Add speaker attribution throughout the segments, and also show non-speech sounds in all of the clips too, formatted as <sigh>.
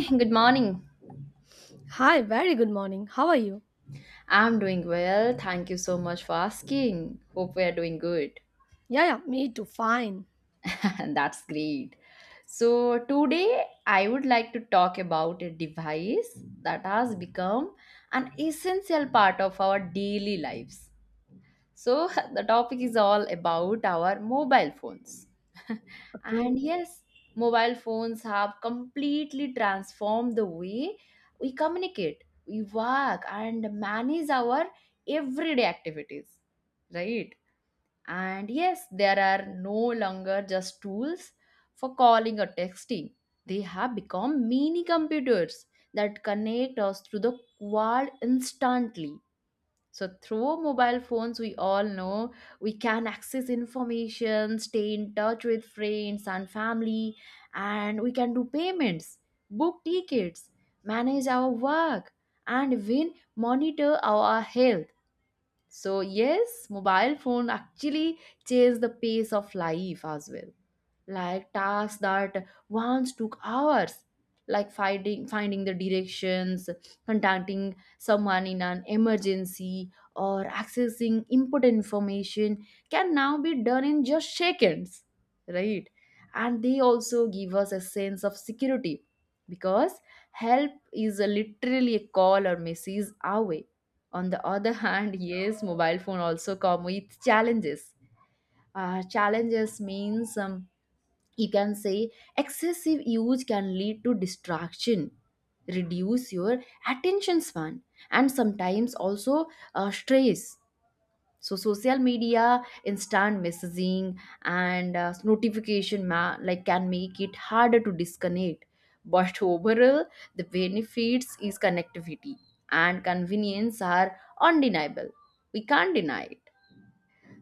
Speaker 1: <clears throat> Good morning.
Speaker 2: Hi, very good morning. How are you?
Speaker 1: I'm doing well. Thank you so much for asking. Hope we are doing good.
Speaker 2: Yeah, yeah, me too. Fine.
Speaker 1: <laughs> And That's great. So, today I would like to talk about a device that has become an essential part of our daily lives. So, <laughs> the topic is all about our mobile phones. <laughs>
Speaker 2: Okay.
Speaker 1: And yes, mobile phones have completely transformed the way we communicate, we work, and manage our everyday activities, right? And yes, there are no longer just tools for calling or texting. They have become mini computers that connect us to the world instantly. So through mobile phones, we all know we can access information, stay in touch with friends and family, and we can do payments, book tickets, manage our work, and even monitor our health. So yes, mobile phone actually changes the pace of life as well, like tasks that once took hours, like finding the directions, contacting someone in an emergency, or accessing important information can now be done in just seconds, right? And they also give us a sense of security, because help is a literally a call or message away. On the other <laughs> hand, yes, mobile phone also come with challenges. Challenges means, you can say, excessive use can lead to distraction, reduce your attention span, and sometimes also stress. So social media, instant messaging, and notification, like, can make it harder to disconnect. But overall, the benefits is connectivity and convenience are undeniable. We can't deny it.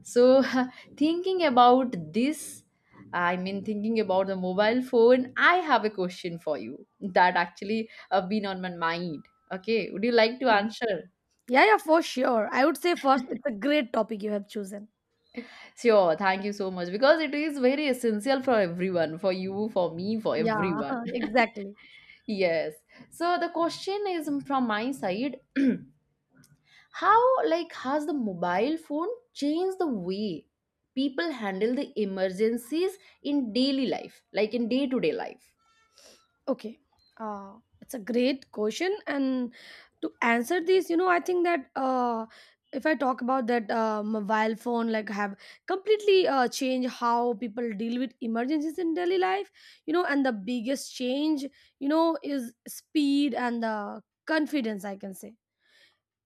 Speaker 1: So, <laughs> thinking about this, I mean, thinking about the mobile phone, I have a question for you that actually have been on my mind. Okay, would you like to
Speaker 2: Yeah,
Speaker 1: answer?
Speaker 2: yeah, yeah, for sure. I would say first, it's a great topic you have chosen.
Speaker 1: Sure, thank you so much, because it is very essential for everyone, for you, for me, for
Speaker 2: Yeah,
Speaker 1: everyone.
Speaker 2: <laughs>
Speaker 1: <laughs>
Speaker 2: exactly.
Speaker 1: Yes. So the question is from my side, <clears throat> how, like, has the mobile phone changed the way people handle the emergencies in daily life, like in day-to-day life?
Speaker 2: Okay. It's a great question. And to answer this, I think that if I talk about that mobile phone, like have completely changed how people deal with emergencies in daily life, you know, and the biggest change, you know, is speed and the confidence, I can say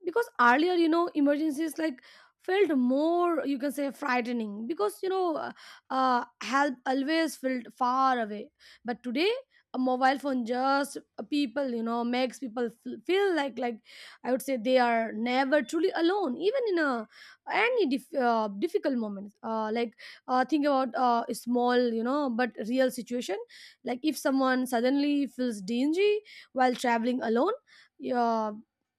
Speaker 2: because earlier you know emergencies like felt more you can say frightening because you know help always felt far away. But today a mobile phone just people you know makes people feel like I would say they are never truly alone, even in a any difficult moments. Think about a small you know but real situation, like if someone suddenly feels dingy while traveling alone. Yeah.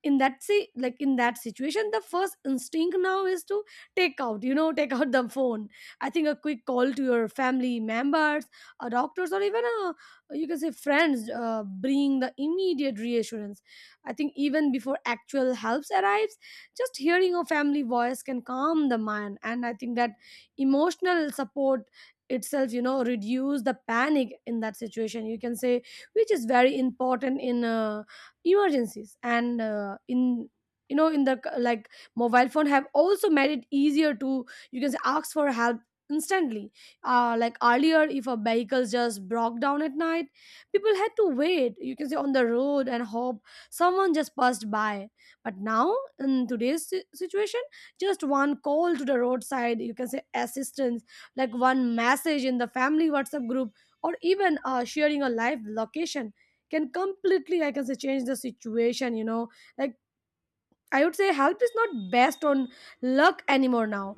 Speaker 2: In that in that situation the first instinct now is to take out you know <laughs> take out the phone. I think a quick call to your family members or doctors or even a you can say friends bring the immediate reassurance. I think even before actual helps arrives, just hearing a family voice can calm the mind, and I think that emotional support itself you know reduce the panic in that situation you can say, which is very important in emergencies. And in you know in the c- like Mobile phone have also made it easier to you can say ask for help instantly. Like earlier if a vehicle just broke down at night, people had to wait you can say on the road and hope someone just passed by. But now in today's situation, just one call to the roadside you can say assistance, like one message in the family WhatsApp group, or even sharing a live location can completely I can say change the situation you know. Like, I would say help is not based on luck anymore now.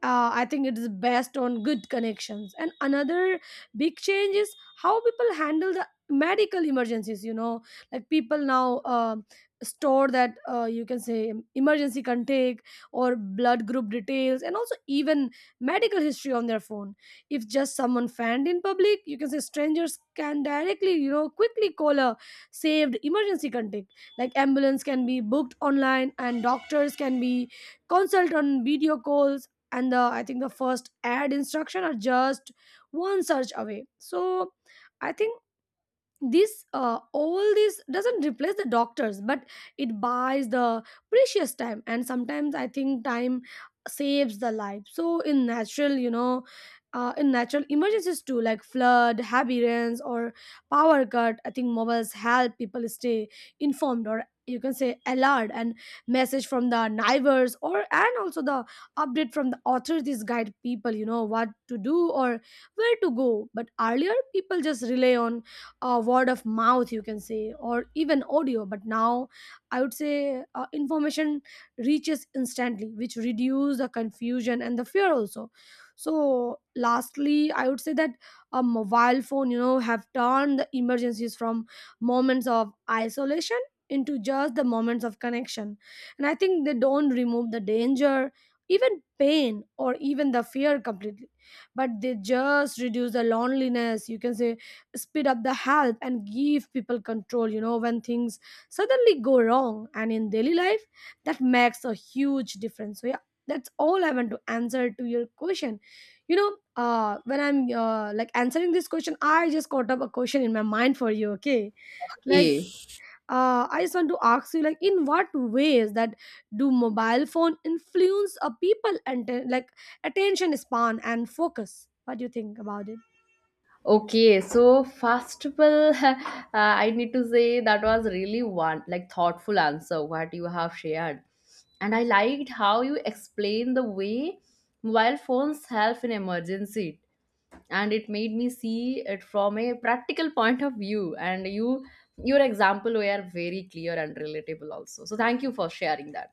Speaker 2: I think it is best on good connections. And another big change is how people handle the medical emergencies. You know, like people now store that you can say emergency contact or blood group details, and also even medical history on their phone. If just someone fanned in public, you can say strangers can directly, you know, quickly call a saved emergency contact. Like ambulance can be booked online, and doctors can be consult on video calls, and the I think the first add instruction are just one search away. So I think this all this doesn't replace the doctors, but it buys the precious time, and sometimes I think time saves the life. So in natural you know in natural emergencies too, like flood, heavy rains, or power cut, I think mobiles help people stay informed, or you can say alert, and message from the neighbors or and also the update from the authorities guide people you know what to do or where to go. But earlier people just rely on word of mouth you can say or even audio. But now I would say information reaches instantly, which reduce the confusion and the fear also. So lastly I would say that a mobile phone you know have turned the emergencies from moments of isolation into just the moments of connection. And I think they don't remove the danger, even pain or even the fear completely, but they just reduce the loneliness you can say, speed up the help, and give people control you know when things suddenly go wrong. And in daily life that makes a huge difference. So yeah, that's all I want to answer to your question. You know, when I'm like answering this question I just caught up a question in my mind for you. Okay, like
Speaker 1: Okay.
Speaker 2: I just want to ask you, like in what ways that do mobile phone influence a people and like attention span and focus? What do you think about it?
Speaker 1: Okay. So first of all, <laughs> I need to say that was really one like thoughtful answer what you have shared, and I liked how you explained the way mobile phones help in emergency, and it made me see it from a practical <laughs> point of view. And you, your example were very clear and relatable also. So thank you for sharing that.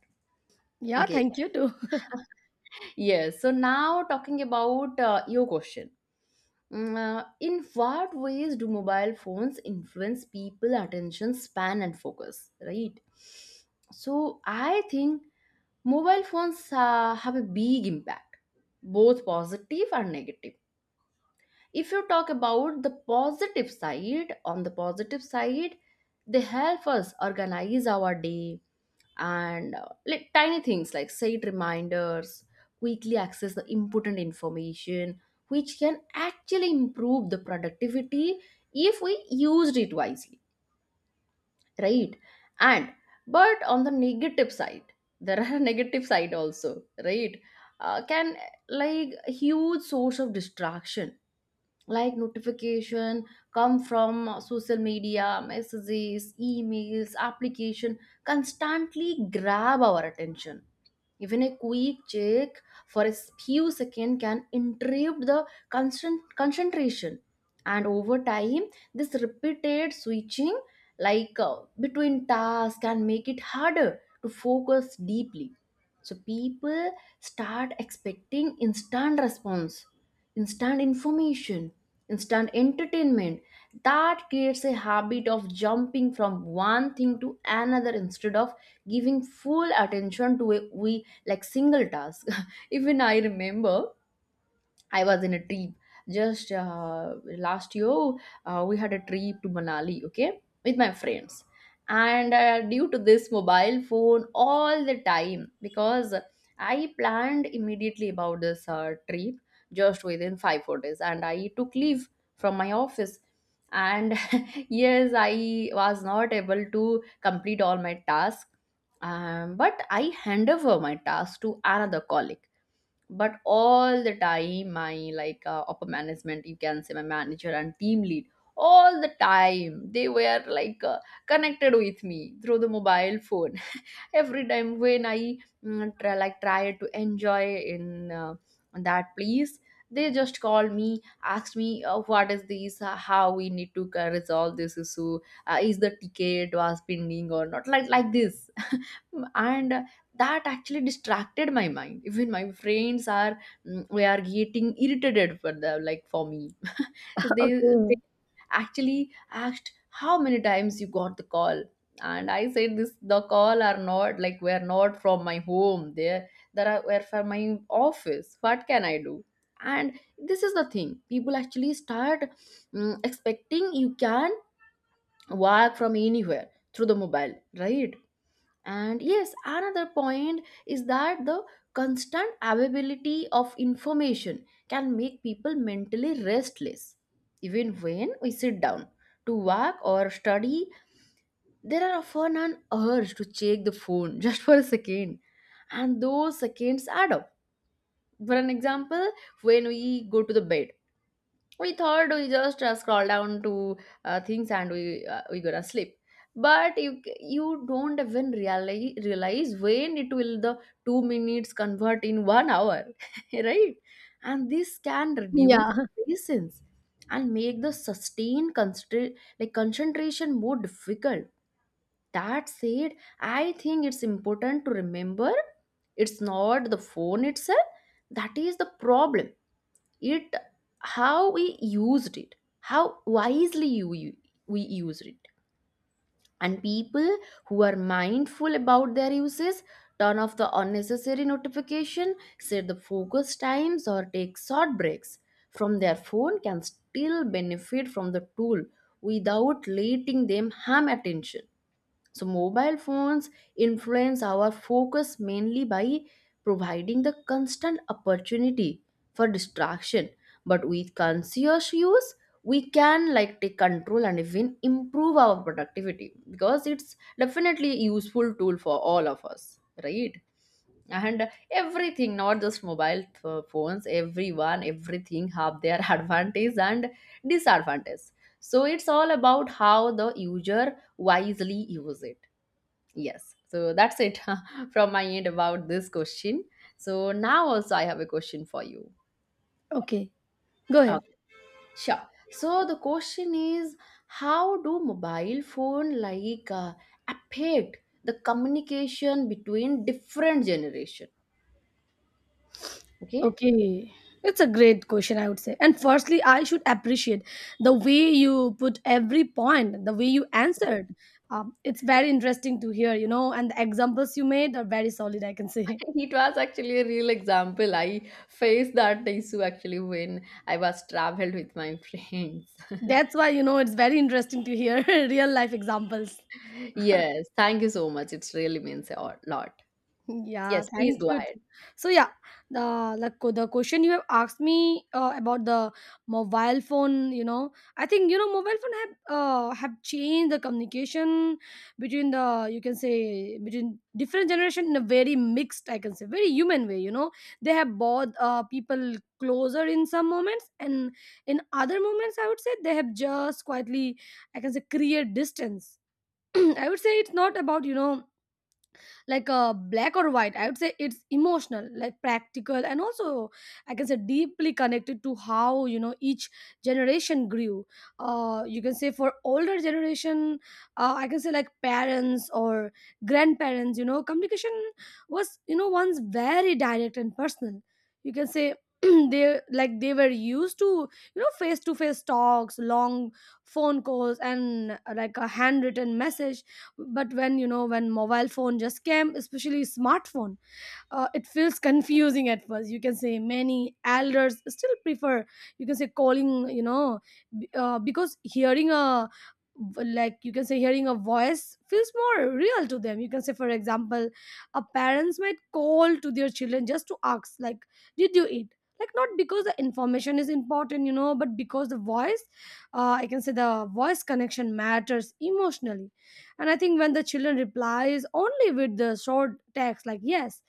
Speaker 2: Yeah,
Speaker 1: Okay.
Speaker 2: thank you too. <laughs>
Speaker 1: Yes. So now talking about your question. In what ways do mobile phones influence people attention span and focus, right? So I think mobile phones have a big impact, both positive and negative. If you talk about the positive side, on the positive side, they help us organize our day, and like tiny things, like set reminders, quickly access the important information, which can actually improve the productivity if we used it wisely, right? and But on the negative side, there are <laughs> negative side also, right? Uh, can, like, huge source of distraction, like notification come from social media, messages, emails, application, constantly grab our attention. Even a quick check for a few seconds can interrupt the constant concentration, and over time this repeated switching, between tasks, can make it harder to focus deeply. So people start expecting instant response, instant information, instant entertainment. That creates a habit of jumping from one thing to another instead of giving full attention to a we like single task. <laughs> Even I remember I was in a trip just last year. We had a trip to Manali, okay, with my friends. And due to this mobile phone all the time, because I planned immediately about this trip just within 5 4 days, and I took leave from my office. And <laughs> yes, I was not able to complete all my tasks, but I hand over my task to another colleague. But all the time my, like, upper management, you can say, my manager and team lead, all the time they were like, connected with me through the mobile phone. <laughs> Every time when I try to enjoy in that place, they just called me, asked me, what is this, how we need to resolve this issue, is the ticket was pending or not, like, like this. <laughs> And that actually distracted my mind. Even my friends are, we are getting irritated for the, like, for me. they
Speaker 2: Okay.
Speaker 1: they actually asked, how many times you got the call? And I said this the call are not, like, were not from my home there. There are were from my office. What can I do? And this is the thing, people actually start expecting you can work from anywhere through the mobile, right? And yes, another point is that the constant availability of information can make people mentally restless. Even when we sit down to work or study, there are often an urge to check the phone <laughs> just for a second. And those seconds add up. For an example, when we go to the bed, we thought we just scroll down to things, and we gonna sleep. But you don't even realize when it will the 2 minutes convert in one hour. <laughs> Right? And this can reduce
Speaker 2: Yeah.
Speaker 1: patience and make the sustained like concentration more difficult. That said, I think it's important to remember, it's not the phone itself that is the problem. It, how we used it, how wisely you, you we used it. And people who are mindful about their uses, turn off the unnecessary notification, set the focus times, or take short breaks from their phone can still benefit from the tool without letting them harm attention. So, mobile phones influence our focus mainly by providing the constant opportunity for distraction. But with conscious use, we can, like, take control and even improve our productivity, because it's definitely a useful tool for all of us, right? And everything, not just mobile phones, everyone, everything have their <laughs> advantage and disadvantage. So it's all about how the user wisely use it. Yes. So that's it <laughs> from my end about this question. So now also I have a question for you.
Speaker 2: Okay. Go ahead.
Speaker 1: Okay. Sure. So the question is, how do mobile phone, like, affect the communication between different generation? Okay. <laughs>
Speaker 2: Okay. It's a great question, I would say. And firstly, I should appreciate the way you put every point, the way you answered. It's very interesting to hear, you know, and the examples you made are very solid, I can say.
Speaker 1: It was actually a real example. I faced that issue actually when I was traveled with my friends.
Speaker 2: <laughs>
Speaker 1: <laughs>
Speaker 2: That's why, you know, it's very interesting to hear <laughs> real life examples.
Speaker 1: Yes. Thank you so much. It's really means a lot. Yes.
Speaker 2: Yeah,
Speaker 1: Please
Speaker 2: thank
Speaker 1: go
Speaker 2: you
Speaker 1: ahead.
Speaker 2: too. So yeah, the like the question you have asked me about the mobile phone, you know, I think you know mobile phone have changed the communication between the you can say between different generation in a very mixed, I can say, very human way. You know, they have brought people closer in some moments, and in other moments, I would say they have just quietly, I can say, create distance. <clears throat> I would say it's not about you know like black or white. I would say it's emotional, like practical, and also I can say deeply connected to how you know each generation grew. You can say for older generation, I can say like parents or grandparents, you know, communication was you know once very direct and personal you can say. <clears throat> They were used to you know face to face talks, long phone calls, and like a handwritten message. But when you know when mobile phone just came, especially smartphone, it feels confusing at first. You can say many elders still prefer you can say calling you know because hearing a like you can say hearing a voice feels more real to them you can say. For example, a parents might call to their children just to ask like did you eat, like not because the information is important you know, but because the voice I can say the voice connection matters emotionally. And I think when the children replies only with the short text like yes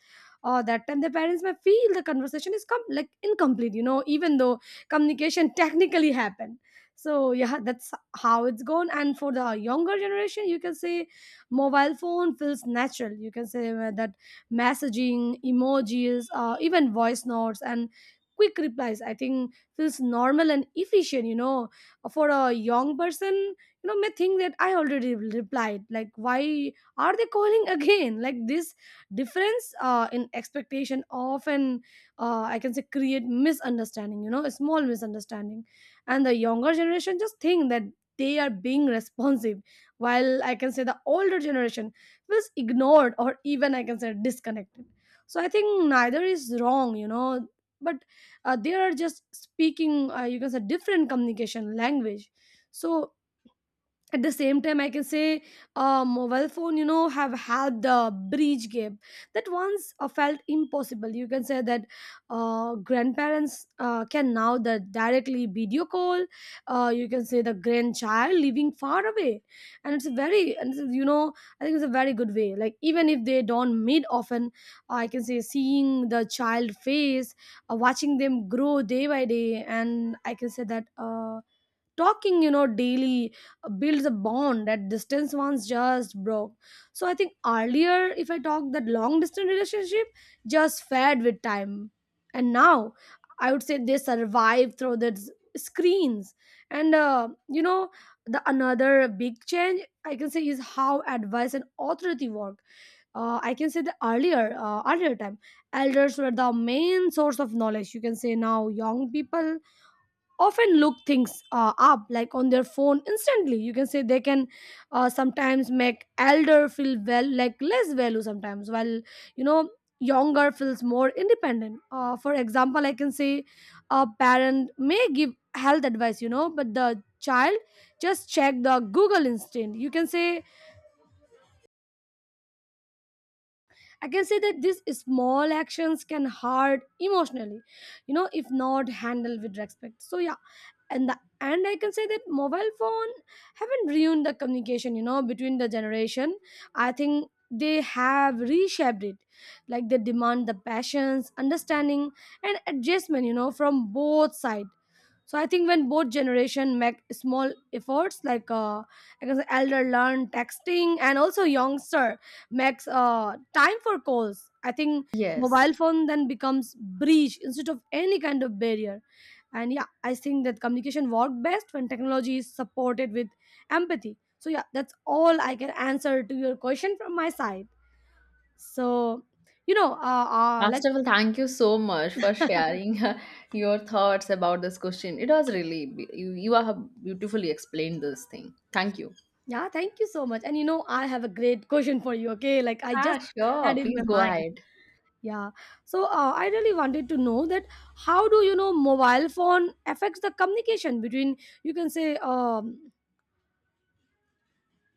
Speaker 2: or that time, their parents may feel the conversation is incomplete you know, even though communication technically happened. So yeah, that's how it's gone. And for the younger generation you can say mobile phone feels natural you can say. That messaging, emojis, even voice notes and quick replies I think feels normal and efficient you know. For a young person you know may think that I already replied, like why are they calling <laughs> again. Like this difference in expectation often I can say create misunderstanding you know, a small misunderstanding. And the younger generation just think that they are being responsive, while I can say the older generation feels ignored or even I can say disconnected. So I think neither is wrong you know, but they are just speaking you can say different communication language. So at the same time I can say mobile phone you know have had the bridge gap that once felt impossible. You can say that grandparents can now the directly video call you can say the grandchild living far away. And it's a very and it's, you know I think it's a very good way. Like even if they don't meet often, I can say seeing the child face, watching them grow day by day, and I can say that talking you know daily builds a bond that distance once just broke. So I think earlier if I talk that long distance relationship just fed with time, and now I would say they survive through the screens. And you know, the another big change I can say is how advice and authority work. I can say the earlier earlier time elders were the main source of knowledge you can say. Now young people often look things up like on their phone instantly you can say. They can sometimes make elder feel well like less value sometimes, while you know younger feels more independent. For example, I can say a parent may give health advice you know, but the child just check the Google instant you can say. I can say that these small actions can hurt emotionally you know if not handled with respect. So yeah, and I can say that mobile phone haven't ruined the communication you know between the generation. I think they have reshaped it. Like they demand the passions, understanding, and adjustment you know from both sides. So I think when both generation make small efforts, like I guess elder learn texting and also youngster makes time for calls, I think
Speaker 1: Yes.
Speaker 2: mobile phone then becomes bridge instead of any kind of barrier. And yeah, I think that communication work best when technology is supported with empathy. So yeah, that's all I can answer to your question from my side. So you know, uh, uh
Speaker 1: First
Speaker 2: like
Speaker 1: of all, thank you so much for
Speaker 2: <laughs>
Speaker 1: sharing <laughs> your thoughts about this question. It was really you. You have beautifully explained this thing. Thank you.
Speaker 2: Yeah, thank you so much. And you know, I have a great question for you, okay? Like I
Speaker 1: Ah,
Speaker 2: just
Speaker 1: sure.
Speaker 2: had in
Speaker 1: Please
Speaker 2: my
Speaker 1: go
Speaker 2: mind.
Speaker 1: ahead.
Speaker 2: Yeah. So I really wanted to know that how do you know mobile phone affects the communication between you can say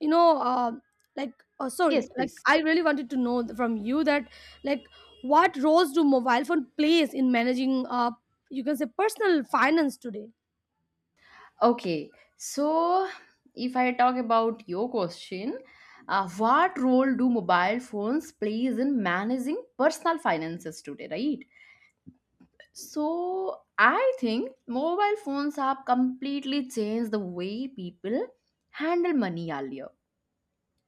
Speaker 2: you know like oh sorry,
Speaker 1: Yes, please.
Speaker 2: I really wanted to know from you that like what roles do mobile phone plays in managing you can say personal finance today?
Speaker 1: Okay. So, if I talk about your question, what role do mobile phones plays in managing personal finances today? Right. So, I think mobile phones have completely changed the way people handle money earlier.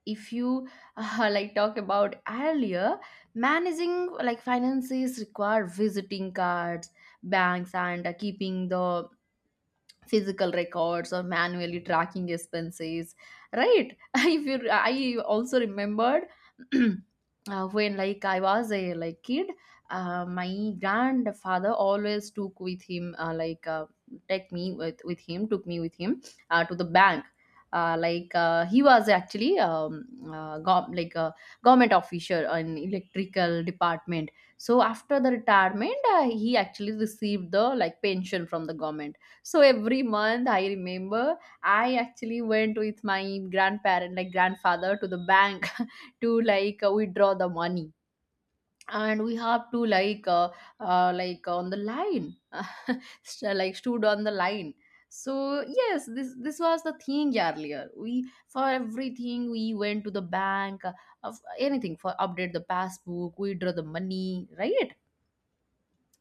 Speaker 1: If you <laughs> like talk about earlier, managing like finances require visiting cards, banks, and keeping the physical records or manually tracking expenses, right? <laughs> If you, I also remembered, <clears throat> when, like, I was a like kid, my grandfather always took with him, take me with him, took me with him to the bank. He was actually like a government officer in electrical department. So after the retirement, he actually received the like pension from the government. So every month, I remember, I actually went with my grandparent, like grandfather, to the bank <laughs> to like withdraw the money, and we have to on the line, <laughs> like stood on the line. So yes, this was the thing earlier. We, for everything, we went to the bank, of anything, for update the passbook, withdraw the money, right?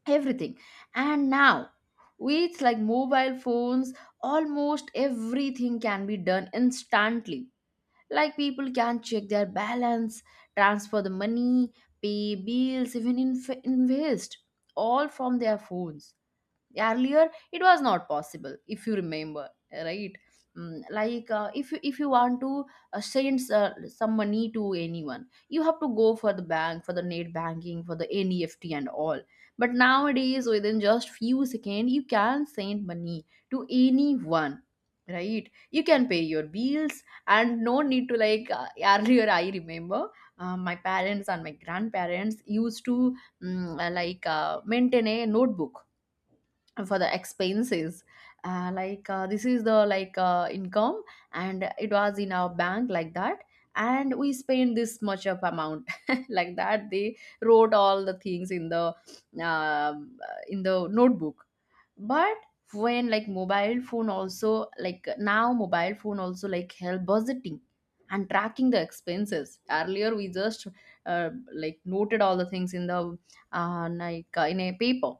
Speaker 1: Everything. And now with like mobile phones almost everything can be done instantly, like people can check their balance, transfer the money, pay bills, even invest, all from their phones. Earlier it was not possible, if you remember, right? If you want to send some money to anyone, you have to go for the bank, for the net banking, for the neft and all. But nowadays within just few seconds you can send money to anyone, right? You can pay your bills, and no need to like. Earlier I remember my parents and my grandparents used to, maintain a notebook for the expenses. This is the like income, and it was in our bank, like that, and we spent this much of amount <laughs> like that. They wrote all the things in the uh, in the notebook. But when like mobile phone also, like, now mobile phone also like help budgeting and tracking the expenses. Earlier we just like noted all the things in the in a paper.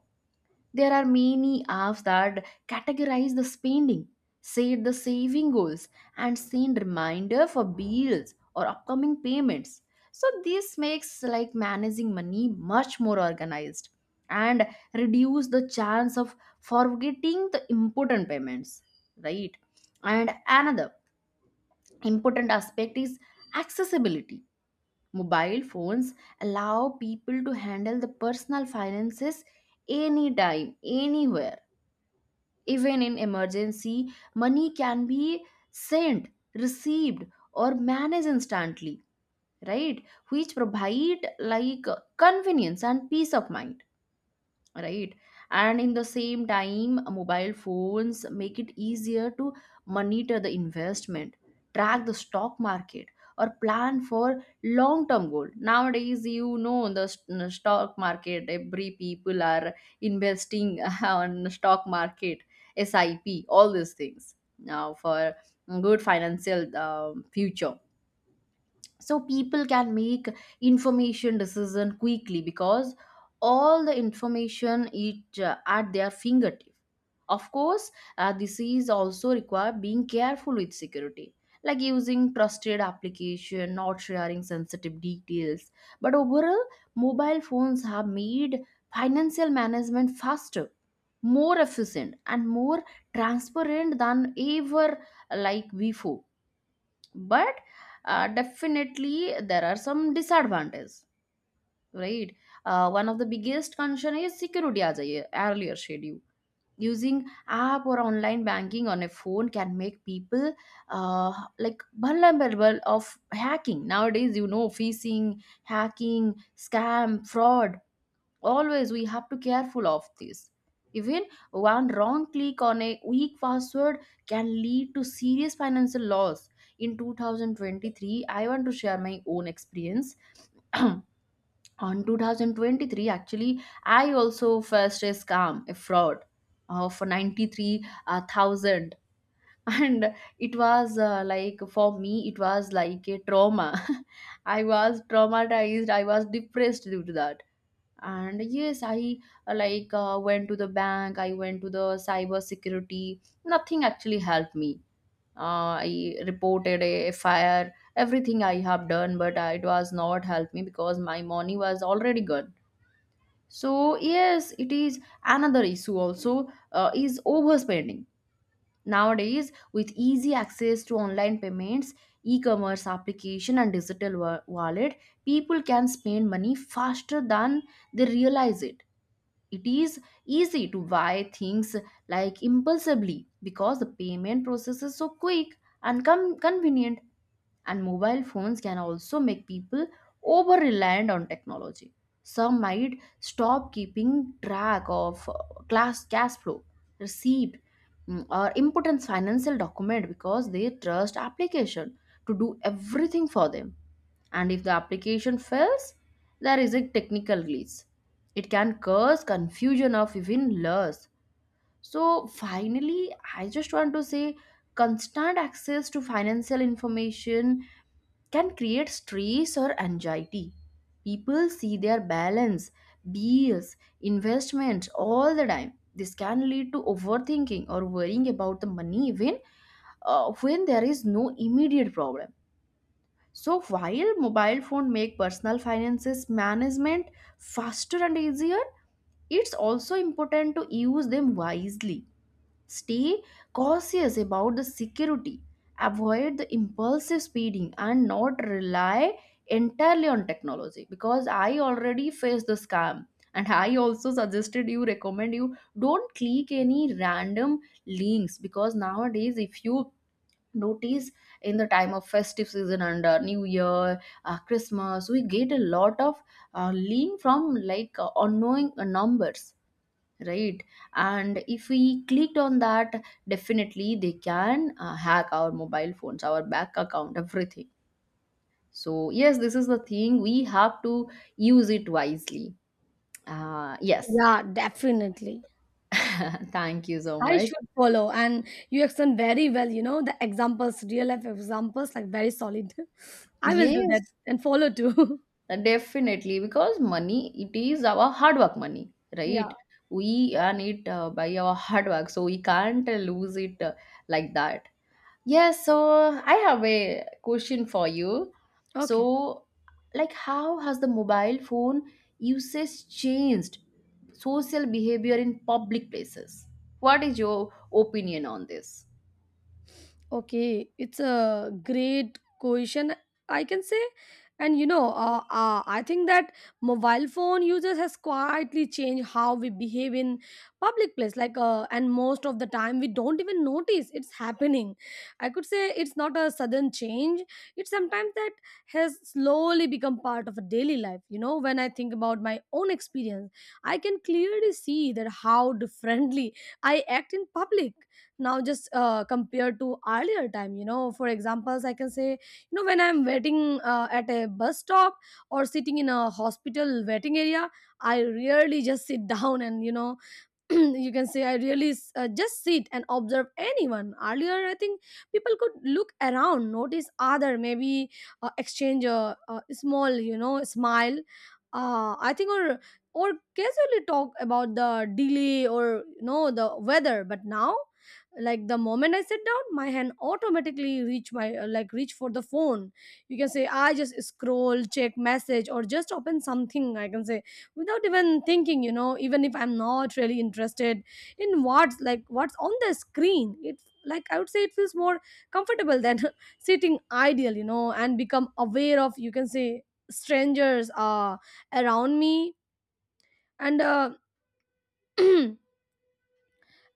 Speaker 1: There are many apps that categorize the spending, set the saving goals, and send reminder for bills or upcoming payments. So this makes like managing money much more organized, and reduce the chance of forgetting the important payments, right? And another important aspect is accessibility. Mobile phones allow people to handle the personal finances anytime, anywhere. Even in emergency, money can be sent, received, or managed instantly, right? Which provide like convenience and peace of mind, right? And in the same time mobile phones make it easier to monitor the investment, track the stock market, or plan for long term goal. Nowadays you know the stock market, every people are investing <laughs> on stock market, sip, all these things now for good financial future. So people can make information decision quickly because all the information it at their fingertip. Of course, this is also require being careful with security, like using trusted application, not sharing sensitive details. But overall, mobile phones have made financial management faster, more efficient and more transparent than ever, like before. But definitely there are some disadvantages, right? One of the biggest concern is security, as I earlier said. You using app or online banking on a phone can make people uh, like vulnerable of hacking. Nowadays you know phishing, hacking, scam, fraud, always we have to careful of this. Even one wrong click on a weak password can lead to serious financial loss. In 2023, I want to share my own experience. <clears throat> On 2023 actually I also faced a scam, a fraud of 93,000. <laughs> And it was like for me it was like a trauma. <laughs> I was traumatized, I was depressed due to that. And yes, I went to the bank, I went to the cyber security, nothing actually helped me. I reported a, fire, everything I have done, but it was not help me because my money was already gone. So yes, it is. Another issue also is overspending. Nowadays with easy access to online payments, e-commerce application and digital wallet, people can spend money faster than they realize it. It is easy to buy things like impulsively because the payment process is so quick and convenient, and mobile phones can also make people over reliant on technology. Some might stop keeping track of class cash flow, receipt, or important financial document, because they trust application to do everything for them. And if the application fails, there is a technical glitch. It can cause confusion of even loss. So finally, I just want to say constant access to financial information can create stress or anxiety. People see their balance, bills, investments all the time. This can lead to overthinking or worrying about the money, even when there is no immediate problem. So while mobile phone make personal finances management faster and easier, it's also important to use them wisely. Stay cautious about the security. Avoid the impulsive spending and not rely entirely on technology, because I already faced the scam. And I also suggested you, recommend you, don't click any random links, because nowadays if you notice, in the time of festive season and new year, Christmas, we get a lot of link from like unknown numbers, right? And if we clicked on that, definitely they can hack our mobile phones, our bank account, everything. So yes, this is the thing, we have to use it wisely. Yes.
Speaker 2: Yeah, definitely.
Speaker 1: <laughs> Thank you so
Speaker 2: I
Speaker 1: much.
Speaker 2: should follow. And you explain very well, you know, the examples, real life examples, like very solid. <laughs> I will do that
Speaker 1: Yes,
Speaker 2: and follow too.
Speaker 1: definitely, because money, it is our hard work money, right?
Speaker 2: <laughs> Yeah.
Speaker 1: We earn it by our hard work, so we can't lose it like that. Yes, so I have a question for you.
Speaker 2: Okay.
Speaker 1: So, like, how has the mobile phone usage changed social behavior in public places? What is your opinion on this?
Speaker 2: Okay, it's a great question, I can say. And you know, I think that mobile phone users has quietly changed how we behave in public place. And most of the time we don't even notice it's happening. I could say it's not a sudden change. It's sometimes that has slowly become part of a daily life. You know, when I think about my own experience, I can clearly see that how differently I act in public now just compared to earlier time. You know, for examples I can say, you know, when I'm waiting at a bus stop or sitting in a hospital waiting area, I rarely just sit <laughs> down. And you know, <clears throat> you can say I really just sit and observe anyone. Earlier, I think people could look around, notice other, maybe exchange a small, you know, smile, I think, or casually talk about the delay or, you know, the weather. But now, like, the moment I sit down, my hand automatically reach my like reach for the phone. You can say I just scroll, check message, or just open something, I can say, without even thinking, you know. Even if I'm not really interested in what's on the screen, it, like, I would say, it feels more comfortable than <laughs> sitting idle, you know, and become aware of, you can say, strangers around me. And <clears throat>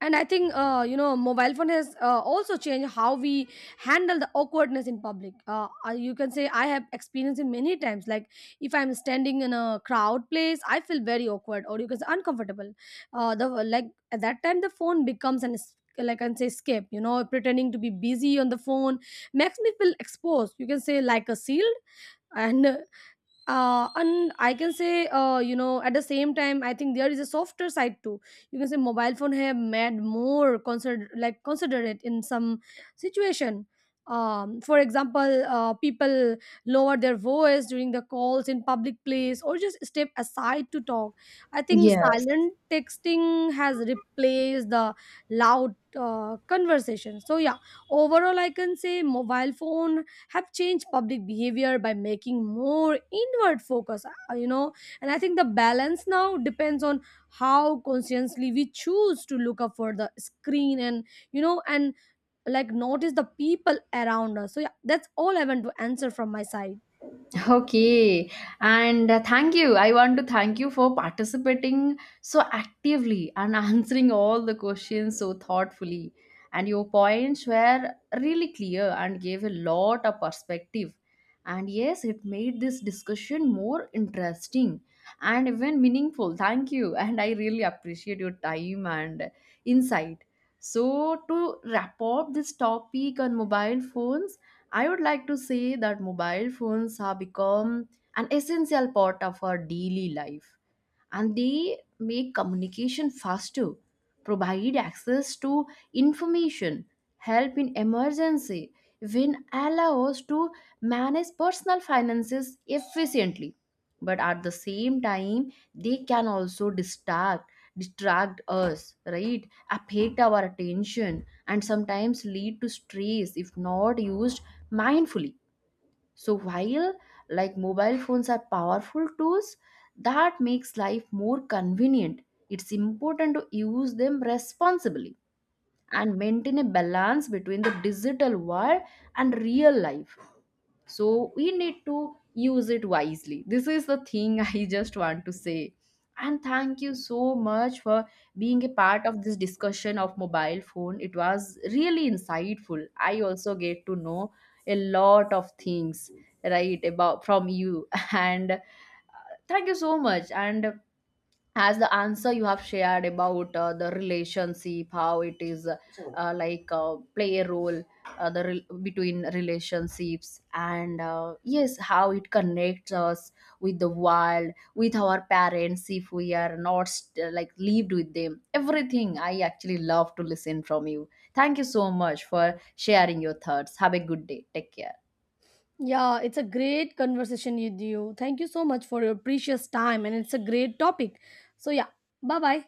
Speaker 2: and I think, you know, mobile phone has also changed how we handle the awkwardness in public. You can say I have experienced it many times. Like if I'm standing in a crowd place, I feel very awkward or, you can say, uncomfortable. The Like at that time, the phone becomes like, I can say, escape. You know, pretending to be busy on the phone makes me feel exposed, you can say, like a shield. And and I can say, you know, at the same time, I think there is a softer side too. You can say mobile phone have made more consider, like, considerate in some situation. For example, people lower their voice during the calls in public place or just step aside to talk. I think
Speaker 1: Yes.
Speaker 2: silent texting has replaced the loud conversation. So yeah, overall, I can say mobile phone have changed public behavior by making more inward focus, you know. And I think the balance now depends on how consciously we choose to look up for the screen and, you know, and, like, notice the people around us. So yeah, that's all I want to answer from my side.
Speaker 1: Okay, and thank you. I want to thank you for participating so actively and <laughs> answering all the questions so thoughtfully. And your points were really clear and gave a lot of perspective. And yes, it made this discussion more interesting and even meaningful. Thank you. <laughs> And I really appreciate your time and insight. So, to wrap up this topic on mobile phones, I would like to say that mobile phones have become an essential part of our daily life, and they make communication faster, provide access to information, help in emergency, even allow us to manage personal finances efficiently. But at the same time, they can also distract us, right? Affect our attention and sometimes lead to stress if not used mindfully. So while like mobile phones are powerful tools that makes life more convenient, it's important to use them responsibly and maintain a balance between the digital world and real life. So we need to use it wisely, this is the thing, <laughs> I just want to say. And thank you so much for being a part of this discussion of mobile phone. It was really insightful, I also get to know a lot of things, right, about from you. <laughs> And thank you so much. And as the answer you have shared about the relationship, how it is. So, play a role, between relationships and yes, how it connects us with the world, with our parents, if we are not like lived with them, everything. I actually love to listen from you. Thank you so much for sharing your thoughts, have a good day, take care.
Speaker 2: Yeah, it's a great conversation with you. Thank you so much for your precious time, and it's a great topic. So yeah, bye bye.